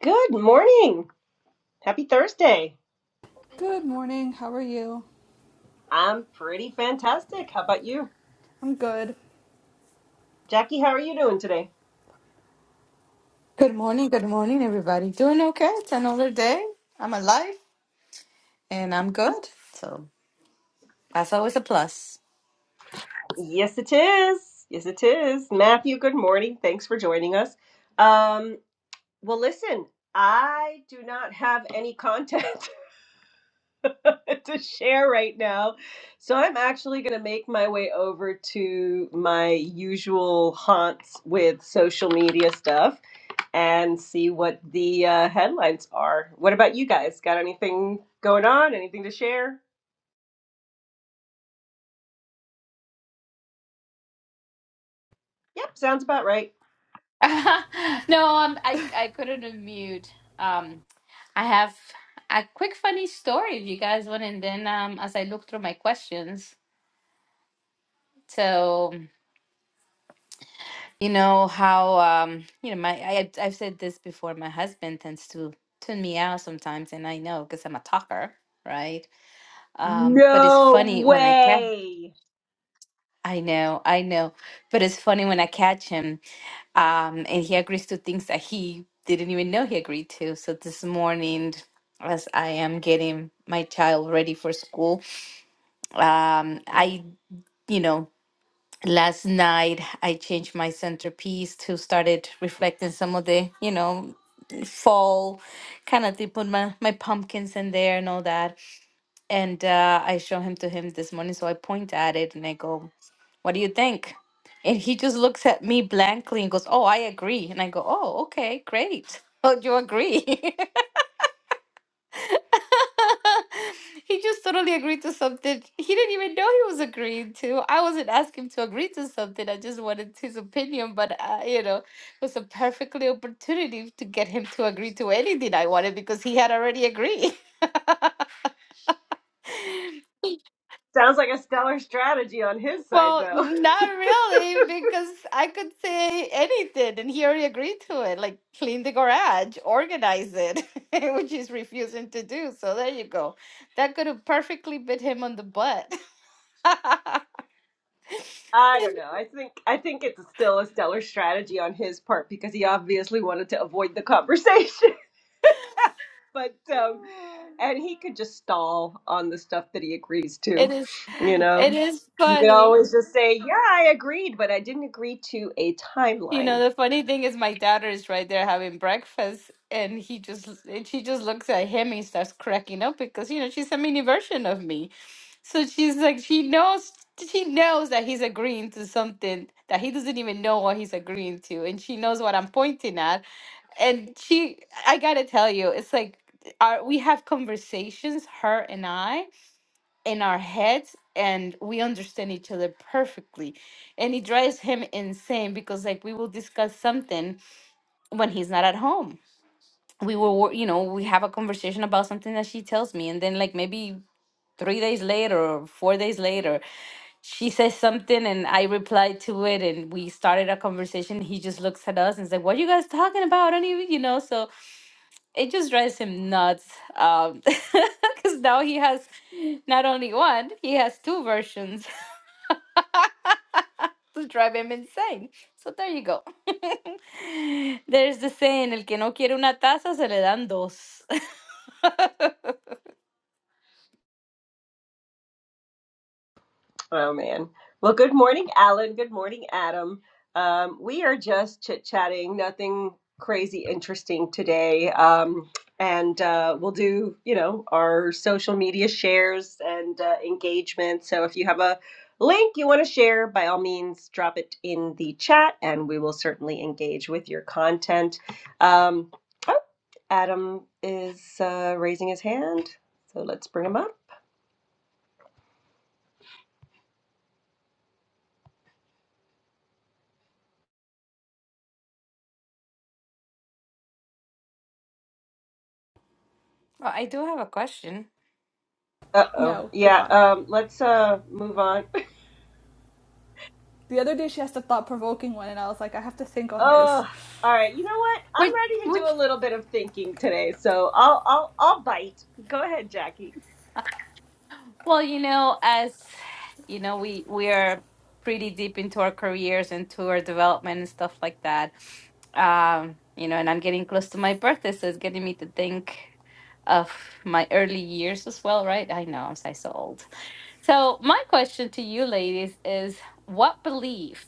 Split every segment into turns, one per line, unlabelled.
Good morning. Happy Thursday.
Good morning. How are you?
I'm pretty fantastic. How about you?
I'm good.
Jackie, how are you doing today?
Good morning, good morning, everybody. Doing okay? It's another day. I'm alive and I'm good. So that's always a plus.
Yes, it is. Yes, it is. Matthew, good morning. Thanks for joining us. Um, well, listen, I do not have any content to share right now. So I'm actually going to make my way over to my usual haunts with social media stuff. and see what the uh, headlines are. What about you guys? Got anything going on? Anything to share? Yep, sounds about right.
no, um, I I couldn't unmute. Um, I have a quick funny story if you guys want, and then um, as I look through my questions, so you know how um, you know my I I've said this before. My husband tends to tune me out sometimes, and I know because I'm a talker, right? Um, but it's
No
funny when I catch.
way.
I know, I know. But it's funny when I catch him, um, and he agrees to things that he didn't even know he agreed to. So this morning, as I am getting my child ready for school, um, I, you know, last night I changed my centerpiece to started reflecting some of the, you know, fall kind of thing, put my, my pumpkins in there and all that. And uh, I show him to him this morning. So I point at it and I go, what do you think? And he just looks at me blankly and goes, Oh, I agree. And I go, Oh, okay, great. Oh, you agree? he just totally agreed to something. He didn't even know he was agreeing to. I wasn't asking him to agree to something. I just wanted his opinion. But, uh, you know, it was a perfectly opportunity to get him to agree to anything I wanted because he had already agreed.
Sounds like a stellar strategy on his side,
Well,
though.
not really, because I could say anything and he already agreed to it, like clean the garage, organize it, which he's refusing to do. So there you go. That could have perfectly bit him on the butt.
I don't know. I think I think it's still a stellar strategy on his part because he obviously wanted to avoid the conversation. But um and he could just stall on the stuff that he agrees
It
to,
is
you know.
it is
You could
funny.
always just say, "Yeah, I agreed, but I didn't agree to a
You
timeline."
know, the funny thing is my daughter is right there having breakfast and he just and she just looks at him and starts cracking up because you know she's a mini version of me. So she's like she knows she knows that he's agreeing to something that he doesn't even know what he's agreeing to and she knows what I'm pointing at. And she I gotta tell you, it's like our we have conversations, her and I, in our heads and we understand each other perfectly. And it drives him insane because, like, we will discuss something when he's not at home. We will, wor- you know, we have a conversation about something that she tells me, and then, like, maybe three days later or four days later, she says something and I reply to it, and we started a conversation. He just looks at us and is like, What are you guys talking about? I don't even, you know, so it just drives him nuts. Um, Because now he has not only one, he has two versions to drive him insane. So there you go. There's the saying, el que no quiere una taza se le dan dos.
Oh man. Well, good morning, Alan. Good morning, Adam. Um, we are just chit chatting, nothing crazy interesting today. Um, and uh, we'll do, you know, our social media shares and uh, engagement. So if you have a link you want to share, by all means, drop it in the chat and we will certainly engage with your content. Um, oh, Adam is uh, raising his hand. So let's bring him up.
Well, I do have a question.
Uh-oh.
No,
Yeah,
goodbye.
um let's uh move on.
The other day she asked a thought provoking one, and I was like, I have to think on this.
Oh, all right. You know what? I'm
Which,
ready to do
which,
a little bit of thinking today, so I'll I'll I'll bite. Go ahead, Jackie.
well, you know, as you know, we we are pretty deep into our careers and to our development and stuff like that. Um, you know, and I'm getting close to my birthday, so it's getting me to think of my early years as well, right? I know I'm so so old. So my question to you ladies is what belief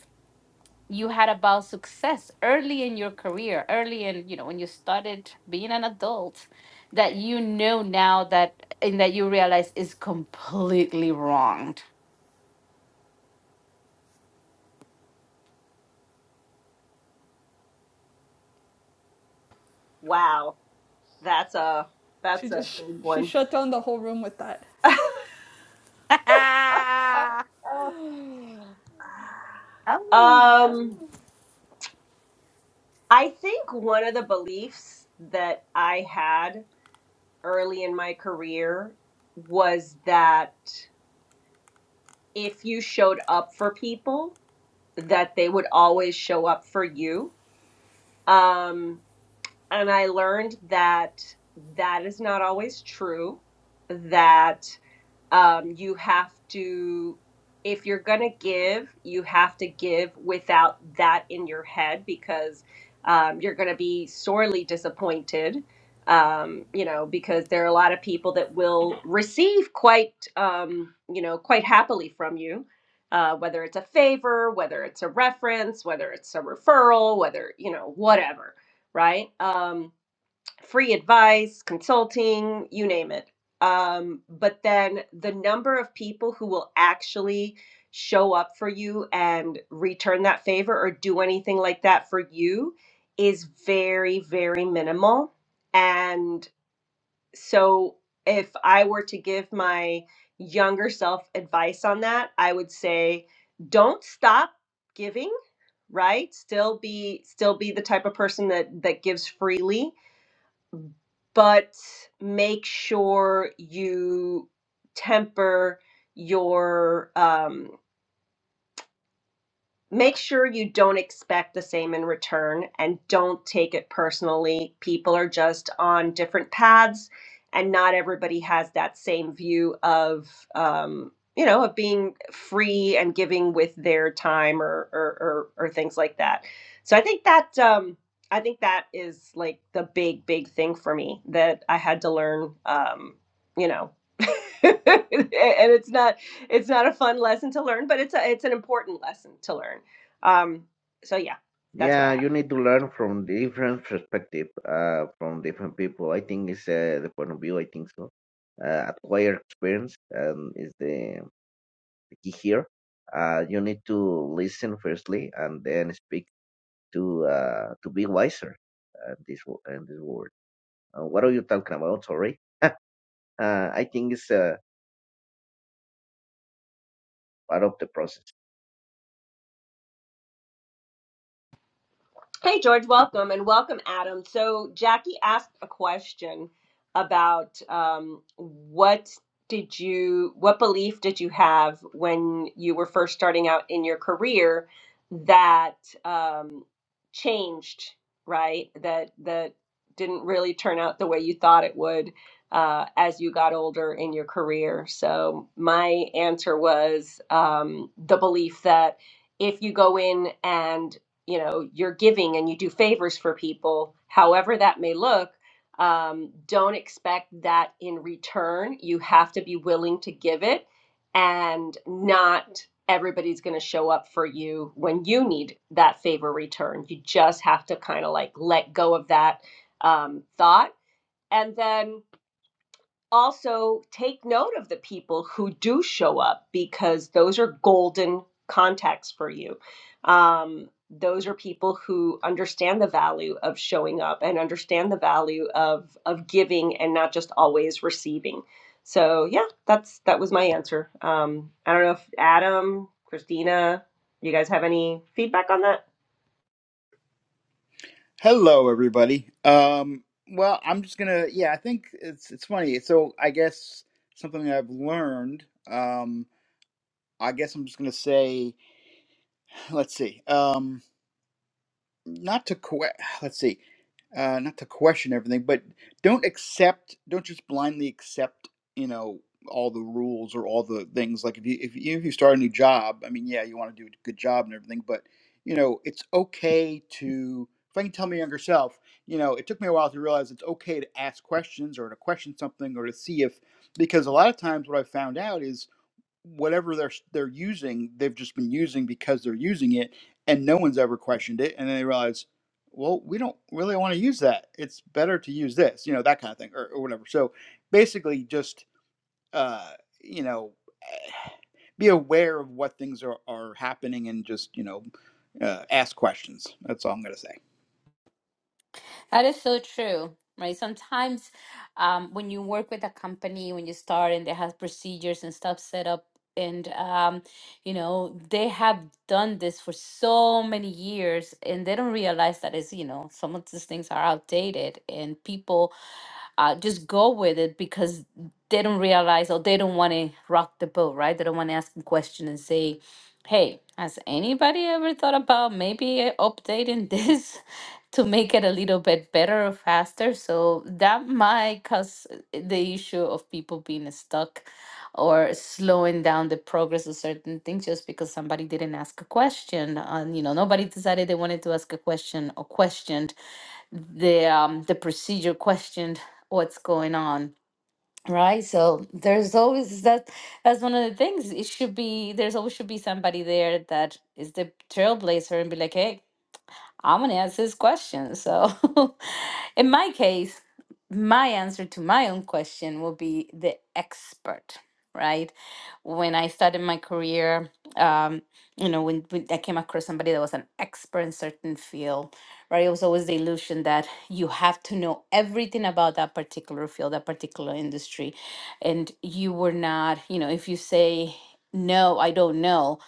you had about success early in your career early in you know when you started being an adult that you know now that and that you realize is completely wronged
Wow, that's a
She
that's
just
a
sh-
big
she
one.
shut down the whole room with that.
oh.
um, I think one of the beliefs that I had early in my career was that if you showed up for people, that they would always show up for you. Um, and I learned that that is not always true, that um, you have to if you're going to give you have to give without that in your head because um, you're going to be sorely disappointed um, you know because there are a lot of people that will receive quite um, you know quite happily from you uh, whether it's a favor whether it's a reference whether it's a referral whether you know whatever right Um, free advice, consulting, you name it. Um, but then the number of people who will actually show up for you and return that favor or do anything like that for you is very, very minimal. And so if I were to give my younger self advice on that, I would say don't stop giving right still be still be the type of person that that gives freely but make sure you temper your um, make sure you don't expect the same in return and don't take it personally. People are just on different paths, and not everybody has that same view of, um, you know, of being free and giving with their time or or, or, or things like that. So I think that um, I think that is like the big big thing for me that I had to learn. Um, you know. and it's not it's not a fun lesson to learn but it's a it's an important lesson to learn um, so yeah, that's what
Yeah,
I have.
you need to learn from different perspective, uh, from different people. I think it's uh, the point of view. I think so. Uh, acquire experience um, is the the key here. Uh, you need to listen firstly, and then speak to uh, to be wiser. Uh, this wo- in this world. Uh, what are you talking about? Sorry. Uh, I think it's uh, part of the process.
Hey, George, welcome and welcome, Adam. So, Jackie asked a question about um, what did you, what belief did you have when you were first starting out in your career that um, changed, right? That that didn't really turn out the way you thought it would uh, as you got older in your career. So, my answer was um, the belief that if you go in and you know you're giving and you do favors for people however that may look um, don't expect that in return you have to be willing to give it and not everybody's going to show up for you when you need that favor returned you just have to kind of like let go of that um, thought and then also take note of the people who do show up because those are golden contacts for you. Um, those are people who understand the value of showing up and understand the value of of giving and not just always receiving. So yeah, that's that was my answer. Um, I don't know if Adam, Christina, you guys have any feedback on that?
Hello, everybody. Um, well, I'm just gonna. Yeah, I think it's it's funny. So I guess something I've learned. Um, I guess I'm just gonna say. Let's see. Um, not to que- let's see uh not to question everything but don't accept don't just blindly accept you know all the rules or all the things like if you if you, if you start a new job i mean yeah you want to do a good job and everything but you know it's okay to if i can tell my younger self you know it took me a while to realize it's okay to ask questions or to question something or to see if because a lot of times what i found out is whatever they're they're using, they've just been using because they're using it, and no one's ever questioned it. And then they realize, well, we don't really want to use that. It's better to use this, you know, that kind of thing, or, or whatever. So basically, just uh, you know, be aware of what things are are happening, and just you know, uh, ask questions. That's all I'm gonna say.
That is so true, right? Sometimes um, when you work with a company, when you start and they have procedures and stuff set up, and um, you know, they have done this for so many years and they don't realize that it's, you know, some of these things are outdated and people uh, just go with it because they don't realize or they don't want to rock the boat, right? They don't want to ask a question and say, Hey, has anybody ever thought about maybe updating this? to make it a little bit better or faster. So that might cause the issue of people being stuck or slowing down the progress of certain things just because somebody didn't ask a question. And you know, nobody decided they wanted to ask a question or questioned the um the procedure questioned what's going on right so there's always that that's one of the things it should be there's always should be somebody there that is the trailblazer and be like hey I'm gonna ask this question. So, in my case, my answer to my own question will be the expert, right? When I started my career, um, you know, when, when I came across somebody that was an expert in certain field, right? It was always the illusion that you have to know everything about that particular field, that particular industry, and you were not, you know, if you say no, I don't know,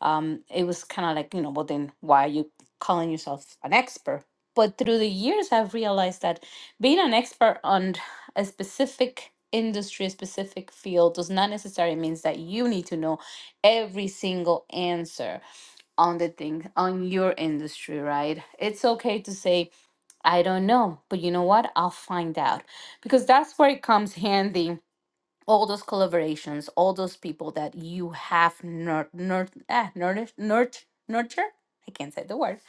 um, it was kind of like, you know, well, then why are you calling yourself an expert. But through the years, I've realized that being an expert on a specific industry, a specific field, does not necessarily means that you need to know every single answer on the thing on your industry, right? It's okay to say, I don't know, but you know what? I'll find out because that's where it comes handy. All those collaborations, all those people that you have nur- nur- ah, nourish- nurt- nurture. I can't say the word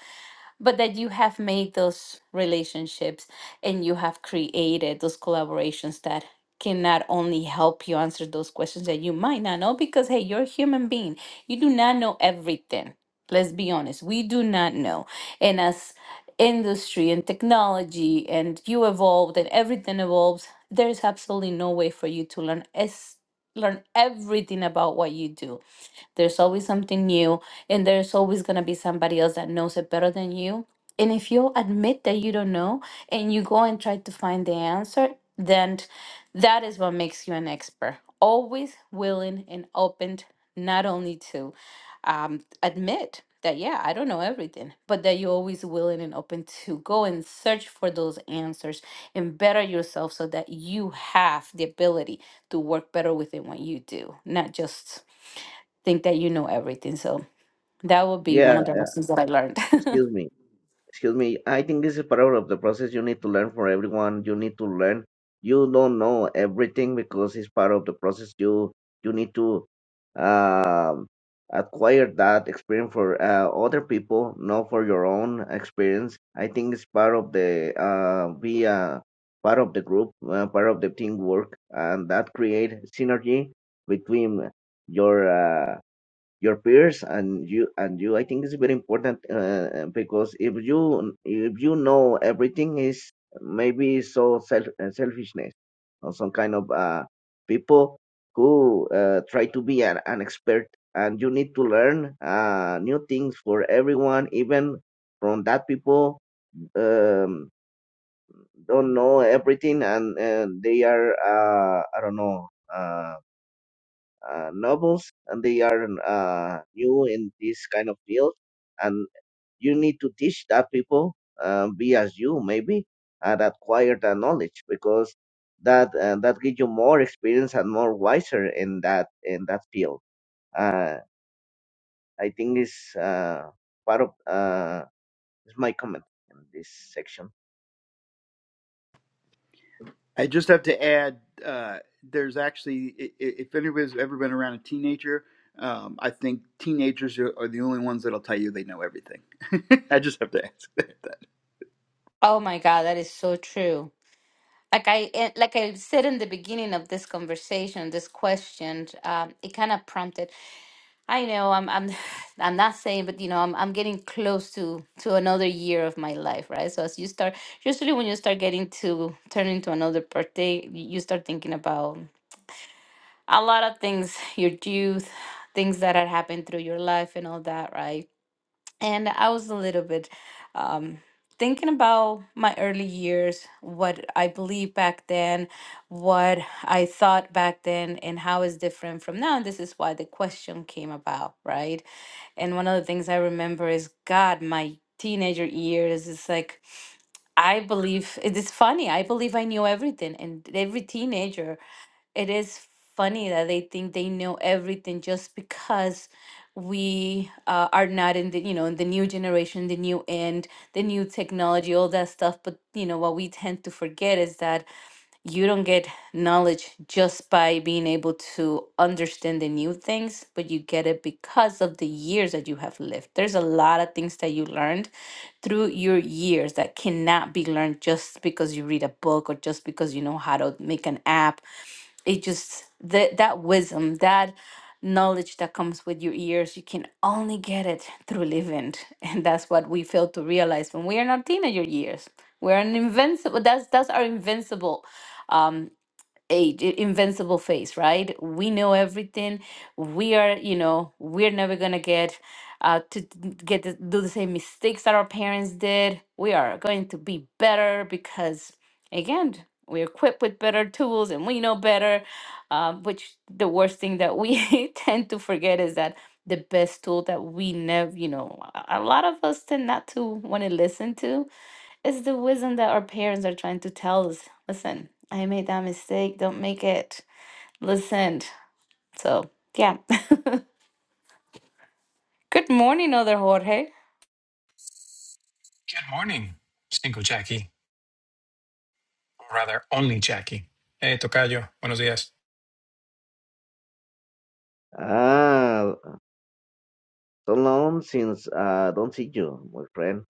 but that you have made those relationships and you have created those collaborations that can not only help you answer those questions that you might not know because hey you're a human being you do not know everything let's be honest we do not know and as industry and technology and you evolved and everything evolves there's absolutely no way for you to learn es- learn everything about what you do there's always something new, and there's always going to be somebody else that knows it better than you. And if you admit that you don't know and you go and try to find the answer, then that is what makes you an expert. Always willing and open, not only to um, admit that, yeah, I don't know everything, but that you're always willing and open to go and search for those answers and better yourself so that you have the ability to work better within what you do, not just think that you know everything. So that would be one
Yeah,
of the lessons that I learned.
excuse me. excuse me i think this is part of the process you need to learn for everyone you need to learn you don't know everything because it's part of the process you you need to um, acquire that experience for uh, other people not for your own experience i think it's part of the uh, be uh, part of the group uh, part of the teamwork and that create synergy between your uh, your peers and you and you i think is very important uh, because if you if you know everything is maybe so self uh, selfishness or some kind of uh, people who uh, try to be an, an expert and you need to learn uh, new things for everyone even from that people um, don't know everything and uh, they are uh, i don't know uh, uh, novels and they are uh, new in this kind of field and you need to teach that people uh, be as you maybe and acquire that knowledge because that uh, that gives you more experience and more wiser in that in that field uh, i think is uh, part of uh, is my comment in this section
I just have to add, uh, there's actually, i- i- if anybody's ever been around a teenager, um, I think teenagers are, are the only ones that'll tell you they know everything. I just have to ask that.
oh my God, that is so true. Like I eh, like I said in the beginning of this conversation, this question, um, it kind of prompted. I know I'm I'm I'm not saying, but you know I'm I'm getting close to to another year of my life, right? So as you start, usually when you start getting to turn into another birthday, y- you start thinking about a lot of things, your youth, things that had happened through your life and all that, right? And I was a little bit um, thinking about my early years, what I believed back then, what I thought back then, and how it's different from now. And this is why the question came about, right? And one of the things I remember is God, my teenager years is like, I believe it is funny. I believe I knew everything, and every teenager it is funny that they think they know everything just because we uh, are not in the you know in the new generation the new end the new technology all that stuff but you know what we tend to forget is that you don't get knowledge just by being able to understand the new things but you get it because of the years that you have lived there's a lot of things that you learned through your years that cannot be learned just because you read a book or just because you know how to make an app it just that that wisdom that knowledge that comes with your ears you can only get it through living and that's what we fail to realize when we are not teenager years we're an invincible that's that's our invincible um eight i- invincible phase, right we know everything we are you know we're never gonna get uh to d- get to do the same mistakes that our parents did we are going to be better because again we're equipped with better tools and we know better um, which the worst thing that we tend to forget is that the best tool that we never you know a a lot of us tend not to want to listen to it's the wisdom that our parents are trying to tell us. Listen, I made that mistake. Don't make it. Listen. So, yeah. Good morning, other Jorge.
Good morning, Cinco Jackie, or rather, only Jackie. Hey, Tocayo, buenos días.
ah so long since uh, don't see you my friend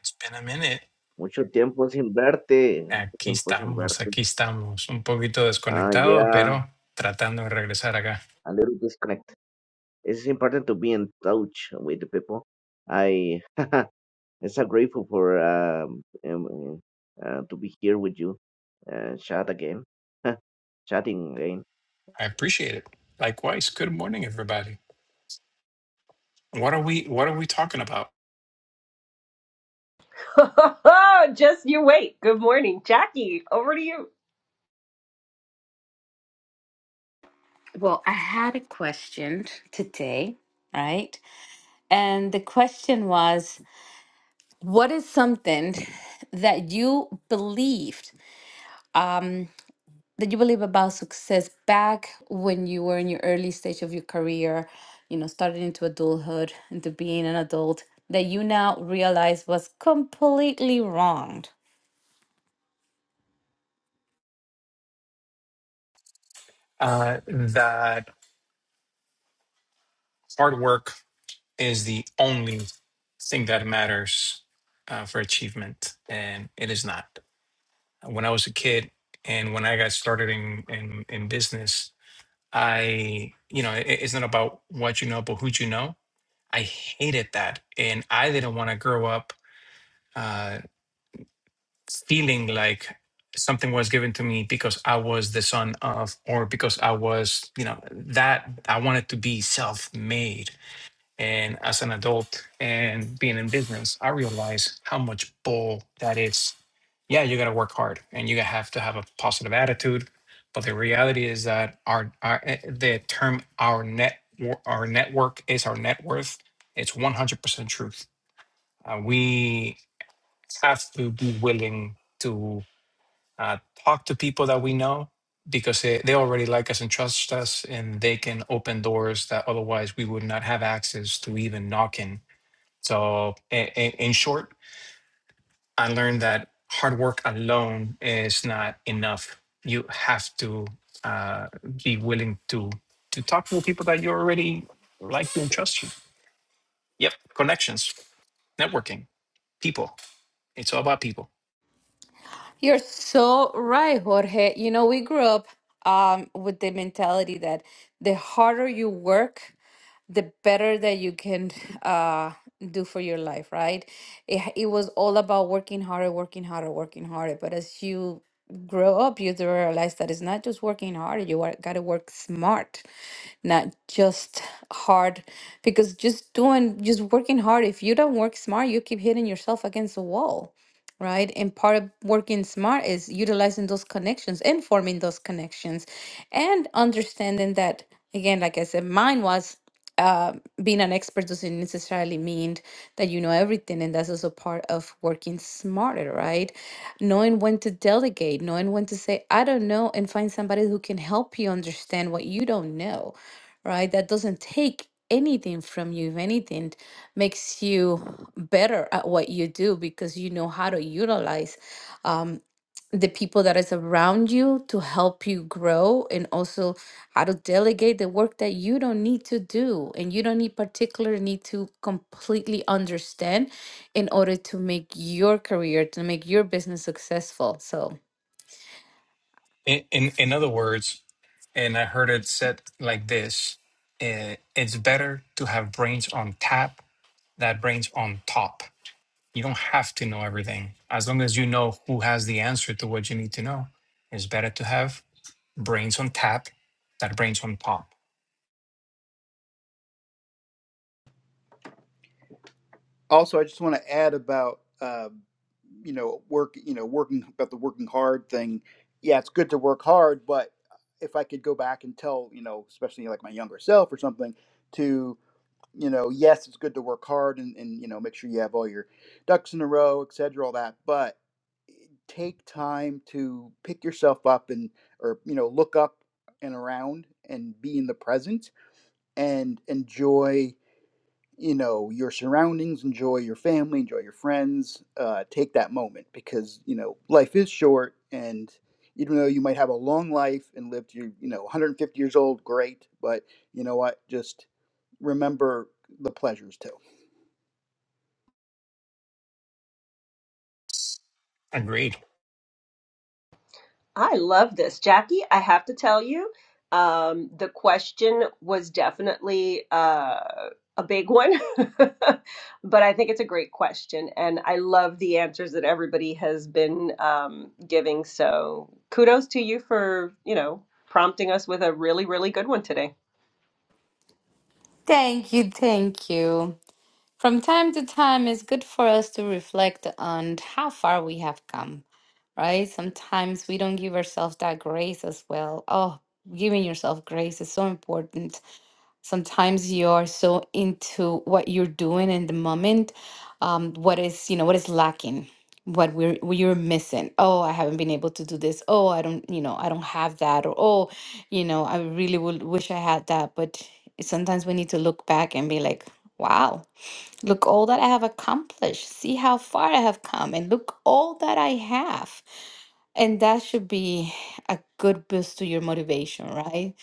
It's been a minute.
mucho tiempo sin verte mucho
Aquí
tiempo sin
estamos,
verte
aquí estamos. Un poquito
Ah,
desconectado,
yeah.
pero tratando de regresar acá.
a little disconnect. It's important to be in touch with the people. I I'm so grateful for um, um uh, to be here with you, uh, chat again, chatting again.
I appreciate it. Likewise, good morning, everybody. What are we What are we talking about?
just you wait. Good morning, Jackie. Over to you.
Well, I had a question today, right? And the question was, what is something that you believed? Um, that you believe about success back when you were in your early stage of your career, you know, starting into adulthood, into being an adult, that you now realize was completely wrong.
Uh, that hard work is the only thing that matters uh, for achievement, and it is not. When I was a kid, and when I got started in in, in business. I, you know, it, it's not about what you know, but who you know. I hated that. And I didn't want to grow up uh, feeling like something was given to me because I was the son of, or because I was, you know, that I wanted to be self made and as an adult and being in business, I realize how much bull that is. Yeah, you got to work hard and you have to have a positive attitude, but the reality is that our, our eh, the term our net wor- our network is our net worth. It's 100% truth. Uh, we have to be willing to uh, talk to people that we know because they, they already like us and trust us and they can open doors that otherwise we would not have access to even knock in. So, in, in, short, I learned that hard work alone is not enough. You have to uh, be willing to to talk to the people that you already like to and trust you. Yep, connections, networking, people. It's all about people.
You're so right, Jorge. You know, we grew up um, with the mentality that the harder you work, the better that you can uh, do for your life, right? It, it was all about working harder, working harder, working harder. But as you grow up, you do realize that it's not just working harder, you are, gotta work smart, not just hard. Because just doing, just working hard, if you don't work smart, you keep hitting yourself against the wall right? And part of working smart is utilizing those connections and forming those connections and understanding that, again, like I said, mine was uh, being an expert doesn't necessarily mean that you know everything. And that's also part of working smarter, right? Knowing when to delegate, knowing when to say, I don't know, and find somebody who can help you understand what you don't know, right? That doesn't take anything from you, if anything makes you better at what you do because you know how to utilize um, the people that is around you to help you grow and also how to delegate the work that you don't need to do and you don't need particular need to completely understand in order to make your career to make your business successful so
In in, in other words, and I heard it said like this: eh, It's better to have brains on tap than brains on top. You don't have to know everything. As long as you know who has the answer to what you need to know, it's better to have brains on tap than brains on pop.
Also, I just want to add about, um, you know, work, you know, working about the working hard thing. Yeah, it's good to work hard, but if I could go back and tell, you know, especially like my younger self or something, to, you know, yes, it's good to work hard and, and you know, make sure you have all your ducks in a row, et cetera, all that, but take time to pick yourself up and or you know look up and around and be in the present and enjoy you know your surroundings enjoy your family enjoy your friends uh, take that moment because you know life is short and even though you might have a long life and live to you know 150 years old great but you know what just remember the pleasures too
Agreed.
I love this, Jackie. I have to tell you, um, the question was definitely uh, a big one, but I think it's a great question, and I love the answers that everybody has been um, giving. So, kudos to you for you know prompting us with a really really good one today.
thank you thank you From time to time, it's good for us to reflect on how far we have come, right? Sometimes we don't give ourselves that grace as well. Oh, giving yourself grace is so important. Sometimes you are so into what you're doing in the moment, um, what is, you know, what is lacking, what we're what you're missing. Oh, I haven't been able to do this. Oh, I don't, you know, I don't have that. Or oh, you know, I really would wish I had that. But sometimes we need to look back and be like, wow. Look all that I have accomplished. See how far I have come, and look all that I have. And that should be a good boost to your motivation, right?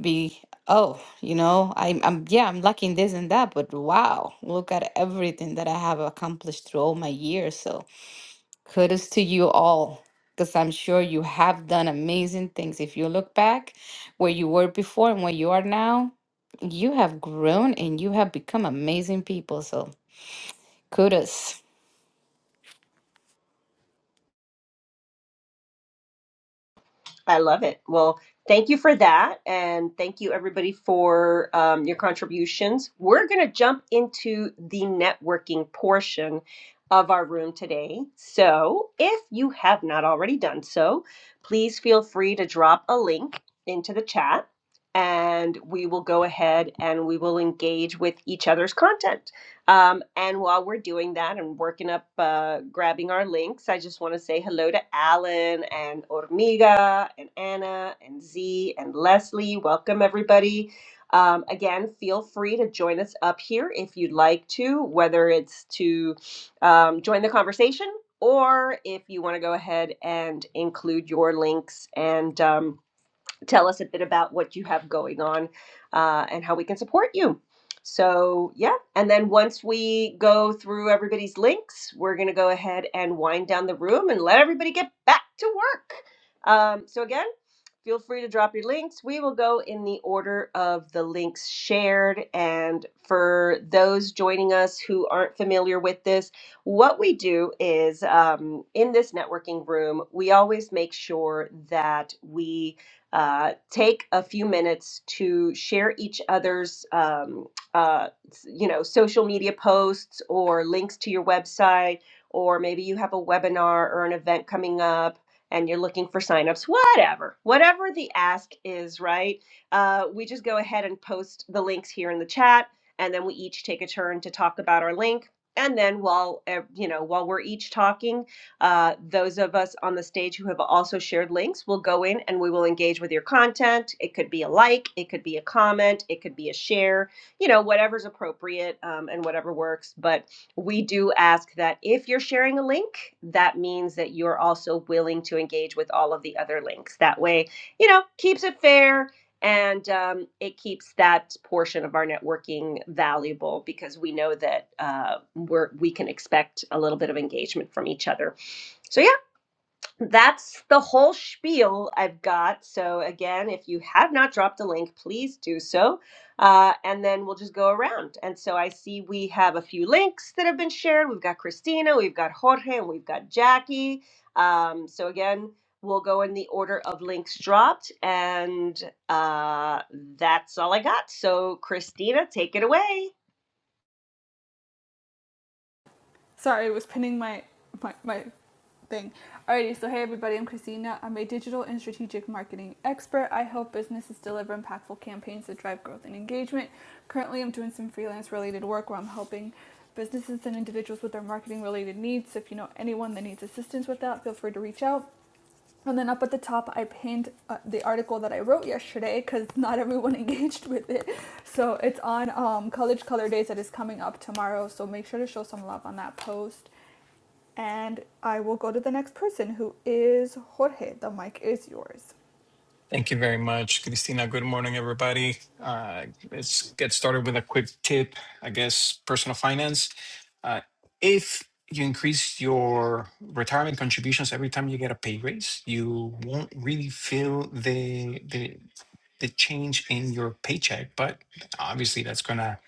Be, oh, you know, I'm, I'm, yeah, I'm lucky in this and that, but wow, look at everything that I have accomplished through all my years. So kudos to you all, because I'm sure you have done amazing things. If you look back where you were before and where you are now, you have grown and you have become amazing people. So Kudos.
I love it. Well, thank you for that. And thank you, everybody, for um, your contributions. We're going to jump into the networking portion of our room today. So if you have not already done so, please feel free to drop a link into the chat and we will go ahead and we will engage with each other's content. Um, and while we're doing that and working up, uh, grabbing our links, I just want to say hello to Alan and Ormiga and Anna and Z and Leslie. Welcome, everybody. Um, again, feel free to join us up here if you'd like to, whether it's to um, join the conversation or if you want to go ahead and include your links and. Um, tell us a bit about what you have going on uh, and how we can support you. So, yeah. And then once we go through everybody's links, we're going to go ahead and wind down the room and let everybody get back to work. Um, so, again, Feel free to drop your links. We will go in the order of the links shared. And for those joining us who aren't familiar with this, what we do is um, in this networking room, we always make sure that we uh, take a few minutes to share each other's, um, uh, you know, social media posts or links to your website, or maybe you have a webinar or an event coming up and you're looking for signups, whatever, whatever the ask is, right? Uh, we just go ahead and post the links here in the chat, and then we each take a turn to talk about our link. And then while uh, you know while we're each talking, uh, those of us on the stage who have also shared links will go in and we will engage with your content. It could be a like, it could be a comment, it could be a share, you know, whatever's appropriate um, and whatever works. But we do ask that if you're sharing a link, that means that you're also willing to engage with all of the other links. That way, you know, keeps it fair and um, it keeps that portion of our networking valuable because we know that uh, we're we can expect a little bit of engagement from each other. So yeah, that's the whole spiel I've got. So again, if you have not dropped a link, please do so, uh, and then we'll just go around. And so I see we have a few links that have been shared. We've got Christina, we've got Jorge, and we've got Jackie. Um, so again, we'll go in the order of links dropped, and uh, that's all I got. So Christina, take it away.
Sorry, it was pinning my my my thing. Alrighty, so hey everybody, I'm Christina. I'm a digital and strategic marketing expert. I help businesses deliver impactful campaigns that drive growth and engagement. Currently, I'm doing some freelance related work where I'm helping businesses and individuals with their marketing related needs. So if you know anyone that needs assistance with that, feel free to reach out. And then up at the top, I pinned uh, the article that I wrote yesterday because not everyone engaged with it. So it's on um, College Color Days that is coming up tomorrow. So make sure to show some love on that post. And I will go to the next person who is Jorge. The mic is yours.
Thank you very much, Christina. Good morning, everybody. Uh, let's get started with a quick tip, I guess, personal finance. Uh, if you increase your retirement contributions every time you get a pay raise, you won't really feel the the the change in your paycheck, but obviously that's gonna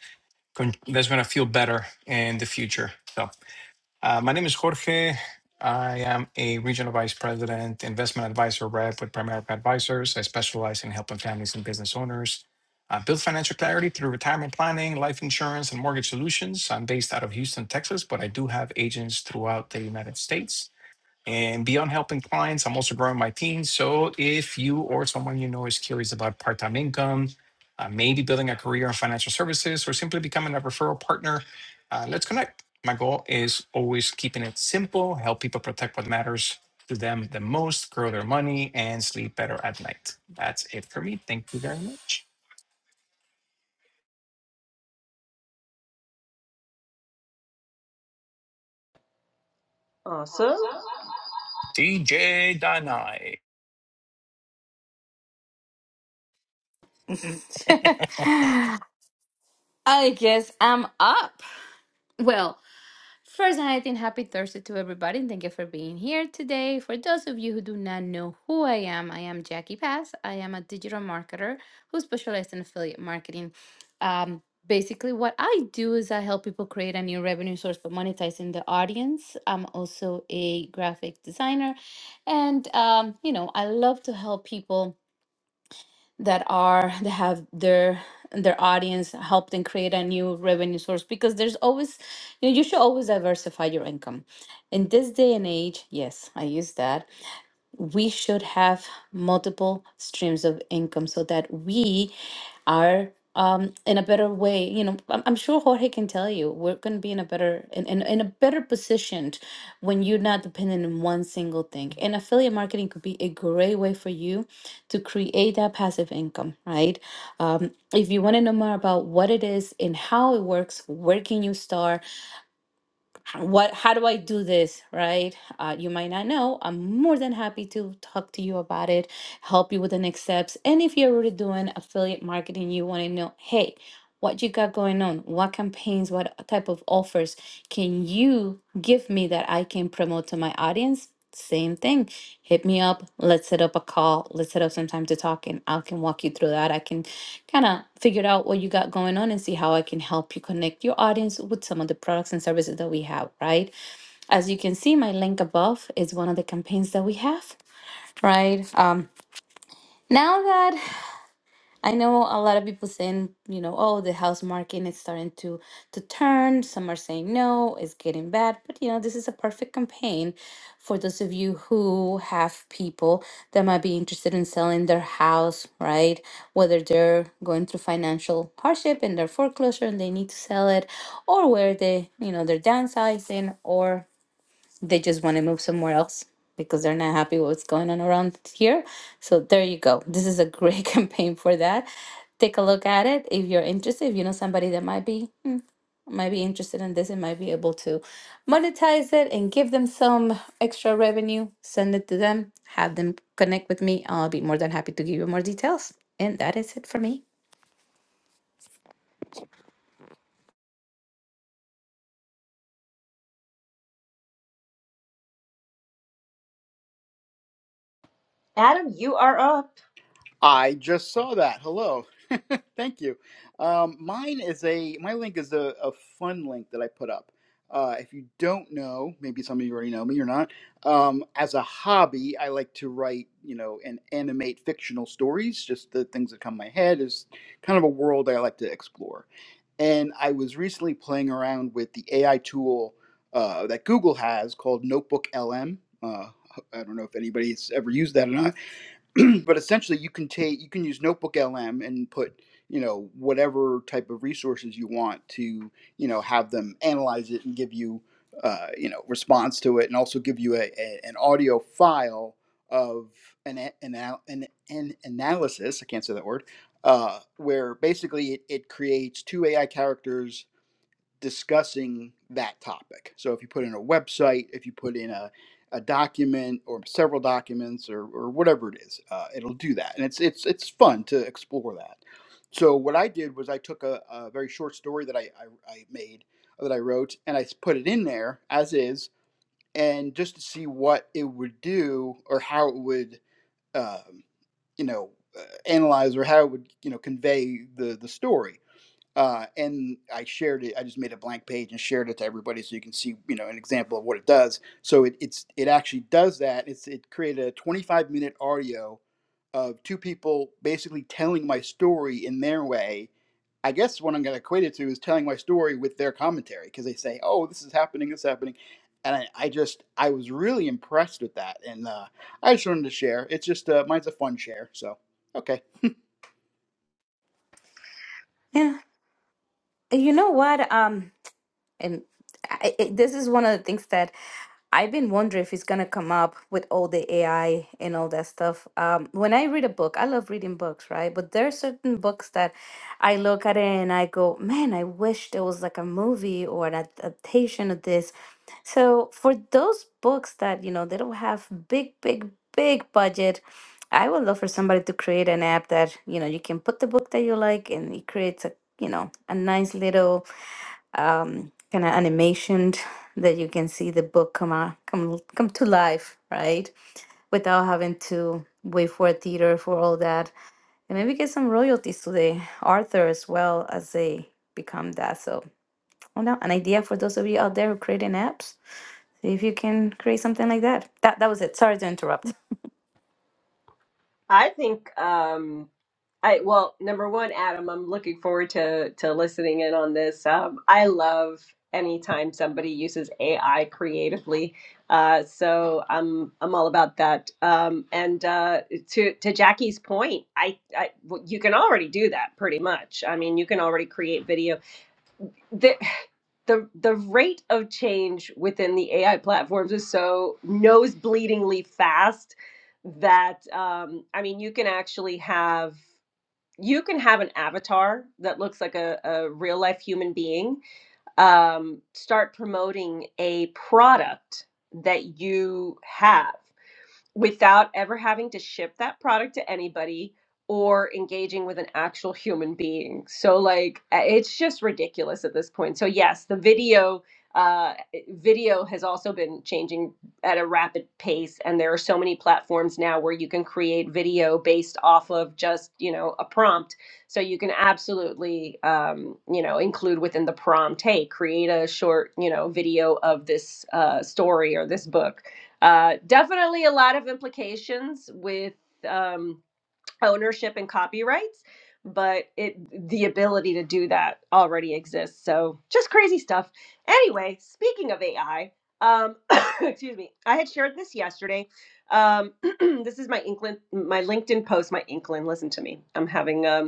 con- that's going to feel better in the future. So, uh, my name is Jorge. I am a regional vice president, investment advisor rep with Primerica Advisors. I specialize in helping families and business owners uh, build financial clarity through retirement planning, life insurance, and mortgage solutions. I'm based out of Houston, Texas, but I do have agents throughout the United States. And beyond helping clients, I'm also growing my team. So if you or someone you know is curious about part time income, uh, maybe building a career in financial services, or simply becoming a referral partner, uh, let's connect. My goal is always keeping it simple, help people protect what matters to them the most, grow their money, and sleep better at night. That's it for me. Thank you very much.
Awesome.
DJ Danai.
I guess I'm up. Well, First, I think happy Thursday to everybody. and Thank you for being here today. For those of you who do not know who I am, I am Jackie Pass. I am a digital marketer who specializes in affiliate marketing. Um, basically, what I do is I help people create a new revenue source for monetizing the audience. I'm also a graphic designer, and um, you know, I love to help people that are that have their their audience help them create a new revenue source because there's always you know you should always diversify your income in this day and age yes i use that we should have multiple streams of income so that we are um, in a better way. You know, I'm, I'm sure Jorge can tell you we're going to be in a better in, in, in a better positioned when you're not dependent on one single thing. And affiliate marketing could be a great way for you to create that passive income, right? Um, if you want to know more about what it is and how it works, where can you start? what how do i do this right uh, you might not know i'm more than happy to talk to you about it help you with the next steps and if you're already doing affiliate marketing you want to know hey what you got going on what campaigns what type of offers can you give me that i can promote to my audience same thing hit me up let's set up a call let's set up some time to talk and i can walk you through that i can kind of figure out what you got going on and see how i can help you connect your audience with some of the products and services that we have right as you can see my link above is one of the campaigns that we have right um now that. I know a lot of people saying, you know, oh, the house market is starting to to turn. Some are saying no, it's getting bad. But you know, this is a perfect campaign for those of you who have people that might be interested in selling their house, right? Whether they're going through financial hardship and their foreclosure and they need to sell it, or where they, you know, they're downsizing, or they just want to move somewhere else because they're not happy with what's going on around here. So there you go. This is a great campaign for that. Take a look at it if you're interested. If you know somebody that might be might be interested in this and might be able to monetize it and give them some extra revenue, send it to them, have them connect with me. I'll be more than happy to give you more details. And that is it for me.
Adam, you are up.
I just saw that. Hello. Thank you. Um, mine is a my link is a, a fun link that I put up. Uh, if you don't know, maybe some of you already know me or not. Um, as a hobby, I like to write, you know, and animate fictional stories. Just the things that come to my head is kind of a world I like to explore. And I was recently playing around with the AI tool uh, that Google has called Notebook LM. Uh, I don't know if anybody's ever used that or not but essentially you can take you can use notebook lm and put you know whatever type of resources you want to you know have them analyze it and give you uh, you know response to it and also give you a, a, an audio file of an, a- an, al- an, an analysis i can't say that word uh, where basically it, it creates two ai characters discussing that topic. So if you put in a website, if you put in a, a document or several documents or, or whatever it is, uh, it'll do that. And it's, it's, it's fun to explore that. So what I did was I took a, a very short story that I, I, I made, that I wrote, and I put it in there as is, and just to see what it would do or how it would, um, you know, uh, analyze or how it would, you know, convey the, the story uh, and I shared it. I just made a blank page and shared it to everybody so you can see, you know, an example of what it does. So it, it's it actually does that. It's it created a 25 minute audio of two people basically telling my story in their way. I guess what I'm going to equate it to is telling my story with their commentary because they say, "Oh, this is happening, this is happening," and I, I just I was really impressed with that, and uh, I just wanted to share. It's just uh, mine's a fun share. So okay,
Yeah. You know what? Um. And I, it, this is one of the things that I've been wondering if it's gonna come up with all the AI and all that stuff. Um, when I read a book, I love reading books, right? But there are certain books that I look at it and I go, man, I wish there was like a movie or an adaptation of this. So for those books that, you know, they don't have big, big, big budget, I would love for somebody to create an app that, you know, you can put the book that you like and it creates a, you know, a nice little um, kind of animationed that you can see the book come out, come come to life, right? Without having to wait for a theater for all that, and maybe get some royalties to the author as well as they become that. So, oh no, an idea for those of you out there who creating apps. See if you can create something like that. That that was it. Sorry to interrupt.
I think um I well, number one, Adam, I'm looking forward to to listening in on this. Um I love anytime somebody uses AI creatively. Uh so I'm I'm all about that. Um and uh to to Jackie's point, I I well, you can already do that pretty much. I mean, you can already create video the the the rate of change within the AI platforms is so nosebleedingly fast that um, I mean you can actually have you can have an avatar that looks like a, a real life human being um, start promoting a product that you have without ever having to ship that product to anybody or engaging with an actual human being. So like uh, it's just ridiculous at this point. So yes, the video uh video has also been changing at a rapid pace and there are so many platforms now where you can create video based off of just, you know, a prompt. So you can absolutely um, you know, include within the prompt, hey, create a short, you know, video of this uh story or this book uh, definitely a lot of implications with um, ownership and copyrights, but it the ability to do that already exists. So just crazy stuff. Anyway, speaking of AI, um, excuse me, I had shared this yesterday. Um, this is my Inkland, my LinkedIn post, my Inkland. Listen to me. I'm having um,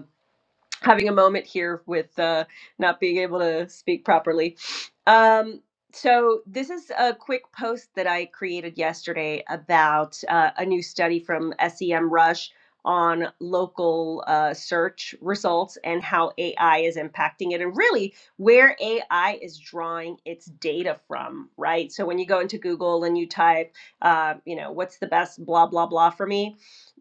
having a moment here with uh, not being able to speak properly. Um, so, this is a quick post that I created yesterday about uh, a new study from SEMrush on local uh, search results and how AI is impacting it, and really where AI is drawing its data from, right? So, when you go into Google and you type, uh, you know, what's the best blah, blah, blah for me,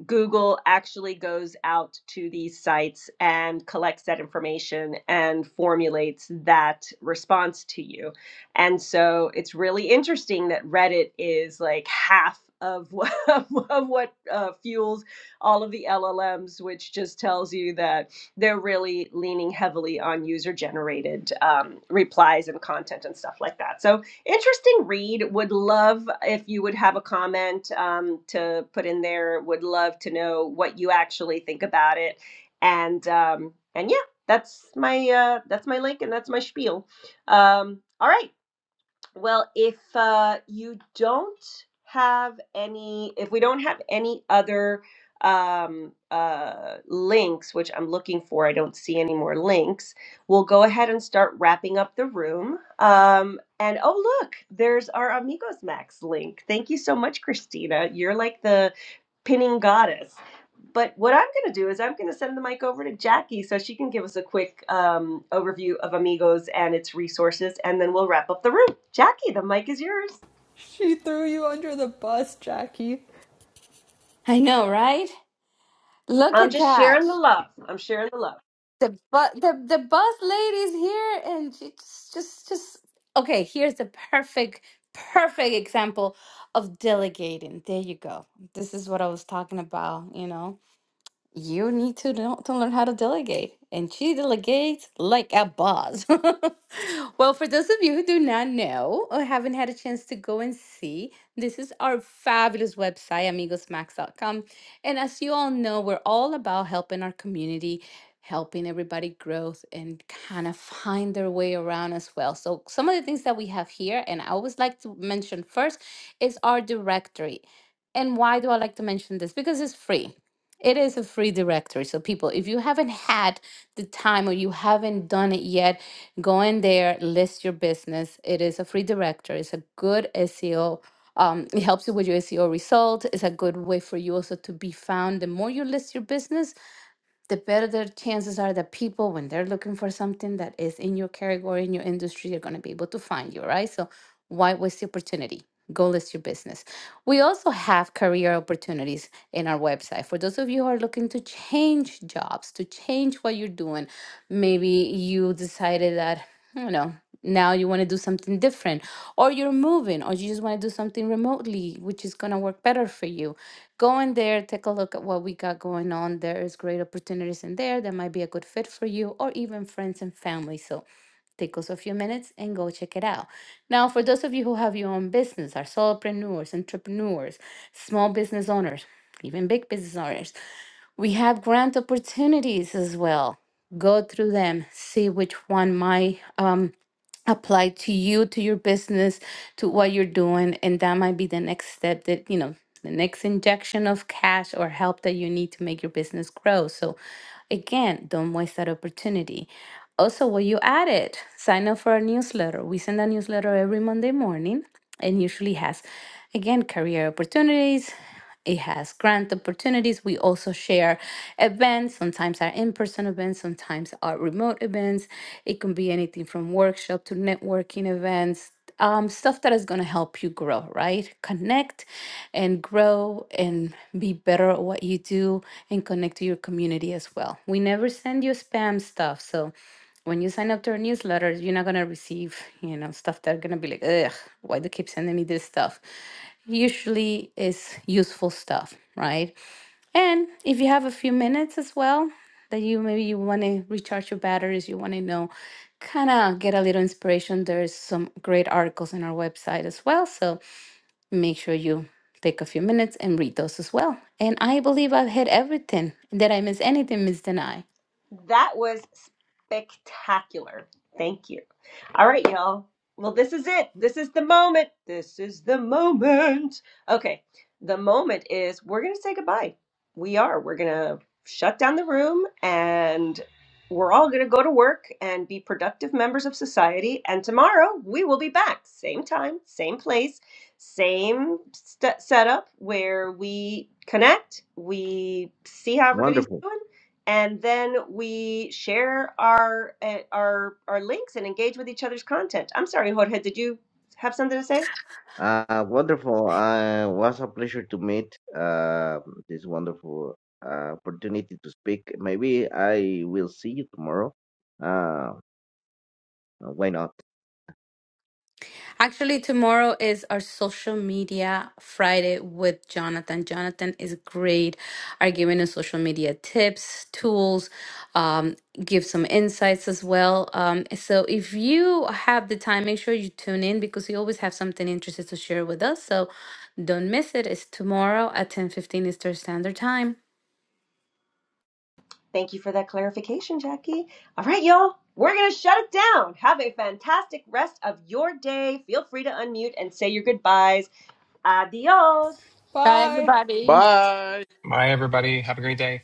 Google actually goes out to these sites and collects that information and formulates that response to you. And so it's really interesting that Reddit is like half of what, of what uh, fuels all of the LLMs, which just tells you that they're really leaning heavily on user generated um, replies and content and stuff like that. So Interesting read. Would love if you would have a comment um, to put in there. Would love to know what you actually think about it. And um, and yeah, that's my uh, that's my link and that's my spiel. Um, all right. Well, if uh, you don't have any, if we don't have any other um, uh, links, which I'm looking for, I don't see any more links, we'll go ahead and start wrapping up the room. Um, and oh, look, there's our Amigos Max link. Thank you so much, Christina. You're like the pinning goddess. But what I'm going to do is I'm going to send the mic over to Jackie so she can give us a quick um, overview of Amigos and its resources, and then we'll wrap up the room. Jackie, the mic is yours.
She threw you under the bus, Jackie.
I know, right? Look
I'm
at
just
that.
sharing the love. I'm sharing the love.
the but the the bus lady's here and she just just just okay here's the perfect perfect example of delegating there you go this is what i was talking about you know you need to know to learn how to delegate and she delegates like a boss well for those of you who do not know or haven't had a chance to go and see this is our fabulous website amigosmax.com and as you all know we're all about helping our community helping everybody growth and kind of find their way around as well so some of the things that we have here and i always like to mention first is our directory and why do i like to mention this because it's free it is a free directory. So, people, if you haven't had the time or you haven't done it yet, go in there, list your business. It is a free directory. It's a good SEO. Um, it helps you with your SEO result. It's a good way for you also to be found. The more you list your business, the better the chances are that people, when they're looking for something that is in your category, in your industry, they're going to be able to find you, right? So, why waste the opportunity? Go list your business. We also have career opportunities in our website. For those of you who are looking to change jobs, to change what you're doing, maybe you decided that, you know, now you want to do something different, or you're moving, or you just want to do something remotely, which is going to work better for you. Go in there, take a look at what we got going on. There is great opportunities in there that might be a good fit for you, or even friends and family. So Take us a few minutes and go check it out. Now, for those of you who have your own business, are solopreneurs, entrepreneurs, small business owners, even big business owners, we have grant opportunities as well. Go through them, see which one might. um apply to you, to your business, to what you're doing. And that might be the next step that, you know, the next injection of cash or help that you need to make your business grow. So, again, don't waste that opportunity. Also, while you at it, sign up for our newsletter. We send a newsletter every Monday morning and usually has, again, career opportunities. It has grant opportunities. We also share events. Sometimes are in-person events, sometimes are remote events. It can be anything from workshop to networking events, um, stuff that is going to help you grow, right? Connect and grow and be better at what you do and connect to your community as well. We never send you spam stuff, so when you sign up to our newsletter, you're not gonna receive, you know, stuff that are gonna be like, ugh, why do you keep sending me this stuff? Usually it's useful stuff, right? And if you have a few minutes as well, that you maybe you want to recharge your batteries, you want to know, kind of get a little inspiration. There's some great articles on our website as well. So make sure you take a few minutes and read those as well. And I believe I've hit everything. Did I miss anything, Miss Denai?
That was spectacular. Thank you. All right, y'all. Well, this is it. This is the moment. This is the moment. Okay. The moment is we're going to say goodbye. We are. We're going to shut down the room and we're all going to go to work and be productive members of society. And tomorrow we will be back. Same time, same place, same st- setup where we connect, we see how everybody's
Wonderful,
doing and then we share our uh, our our links and engage with each other's content. I'm sorry, Jorge, did you have something to say?
uh, wonderful. Uh, was a pleasure to meet. Uh, this wonderful uh, opportunity to speak. Maybe I will see you tomorrow. Uh, why not?
Actually, tomorrow is our social media Friday with Jonathan. Jonathan is great at giving us social media tips, tools, um, give some insights as well. Um, so if you have the time, make sure you tune in because you always have something interesting to share with us. So don't miss it. It's tomorrow at 10:15 Eastern Standard Time.
Thank you for that clarification, Jackie. All right, y'all, we're gonna shut it down. Have a fantastic rest of your day. Feel free to unmute and say your goodbyes. Adios.
Bye.
bye.
Bye, everybody. Have a great day.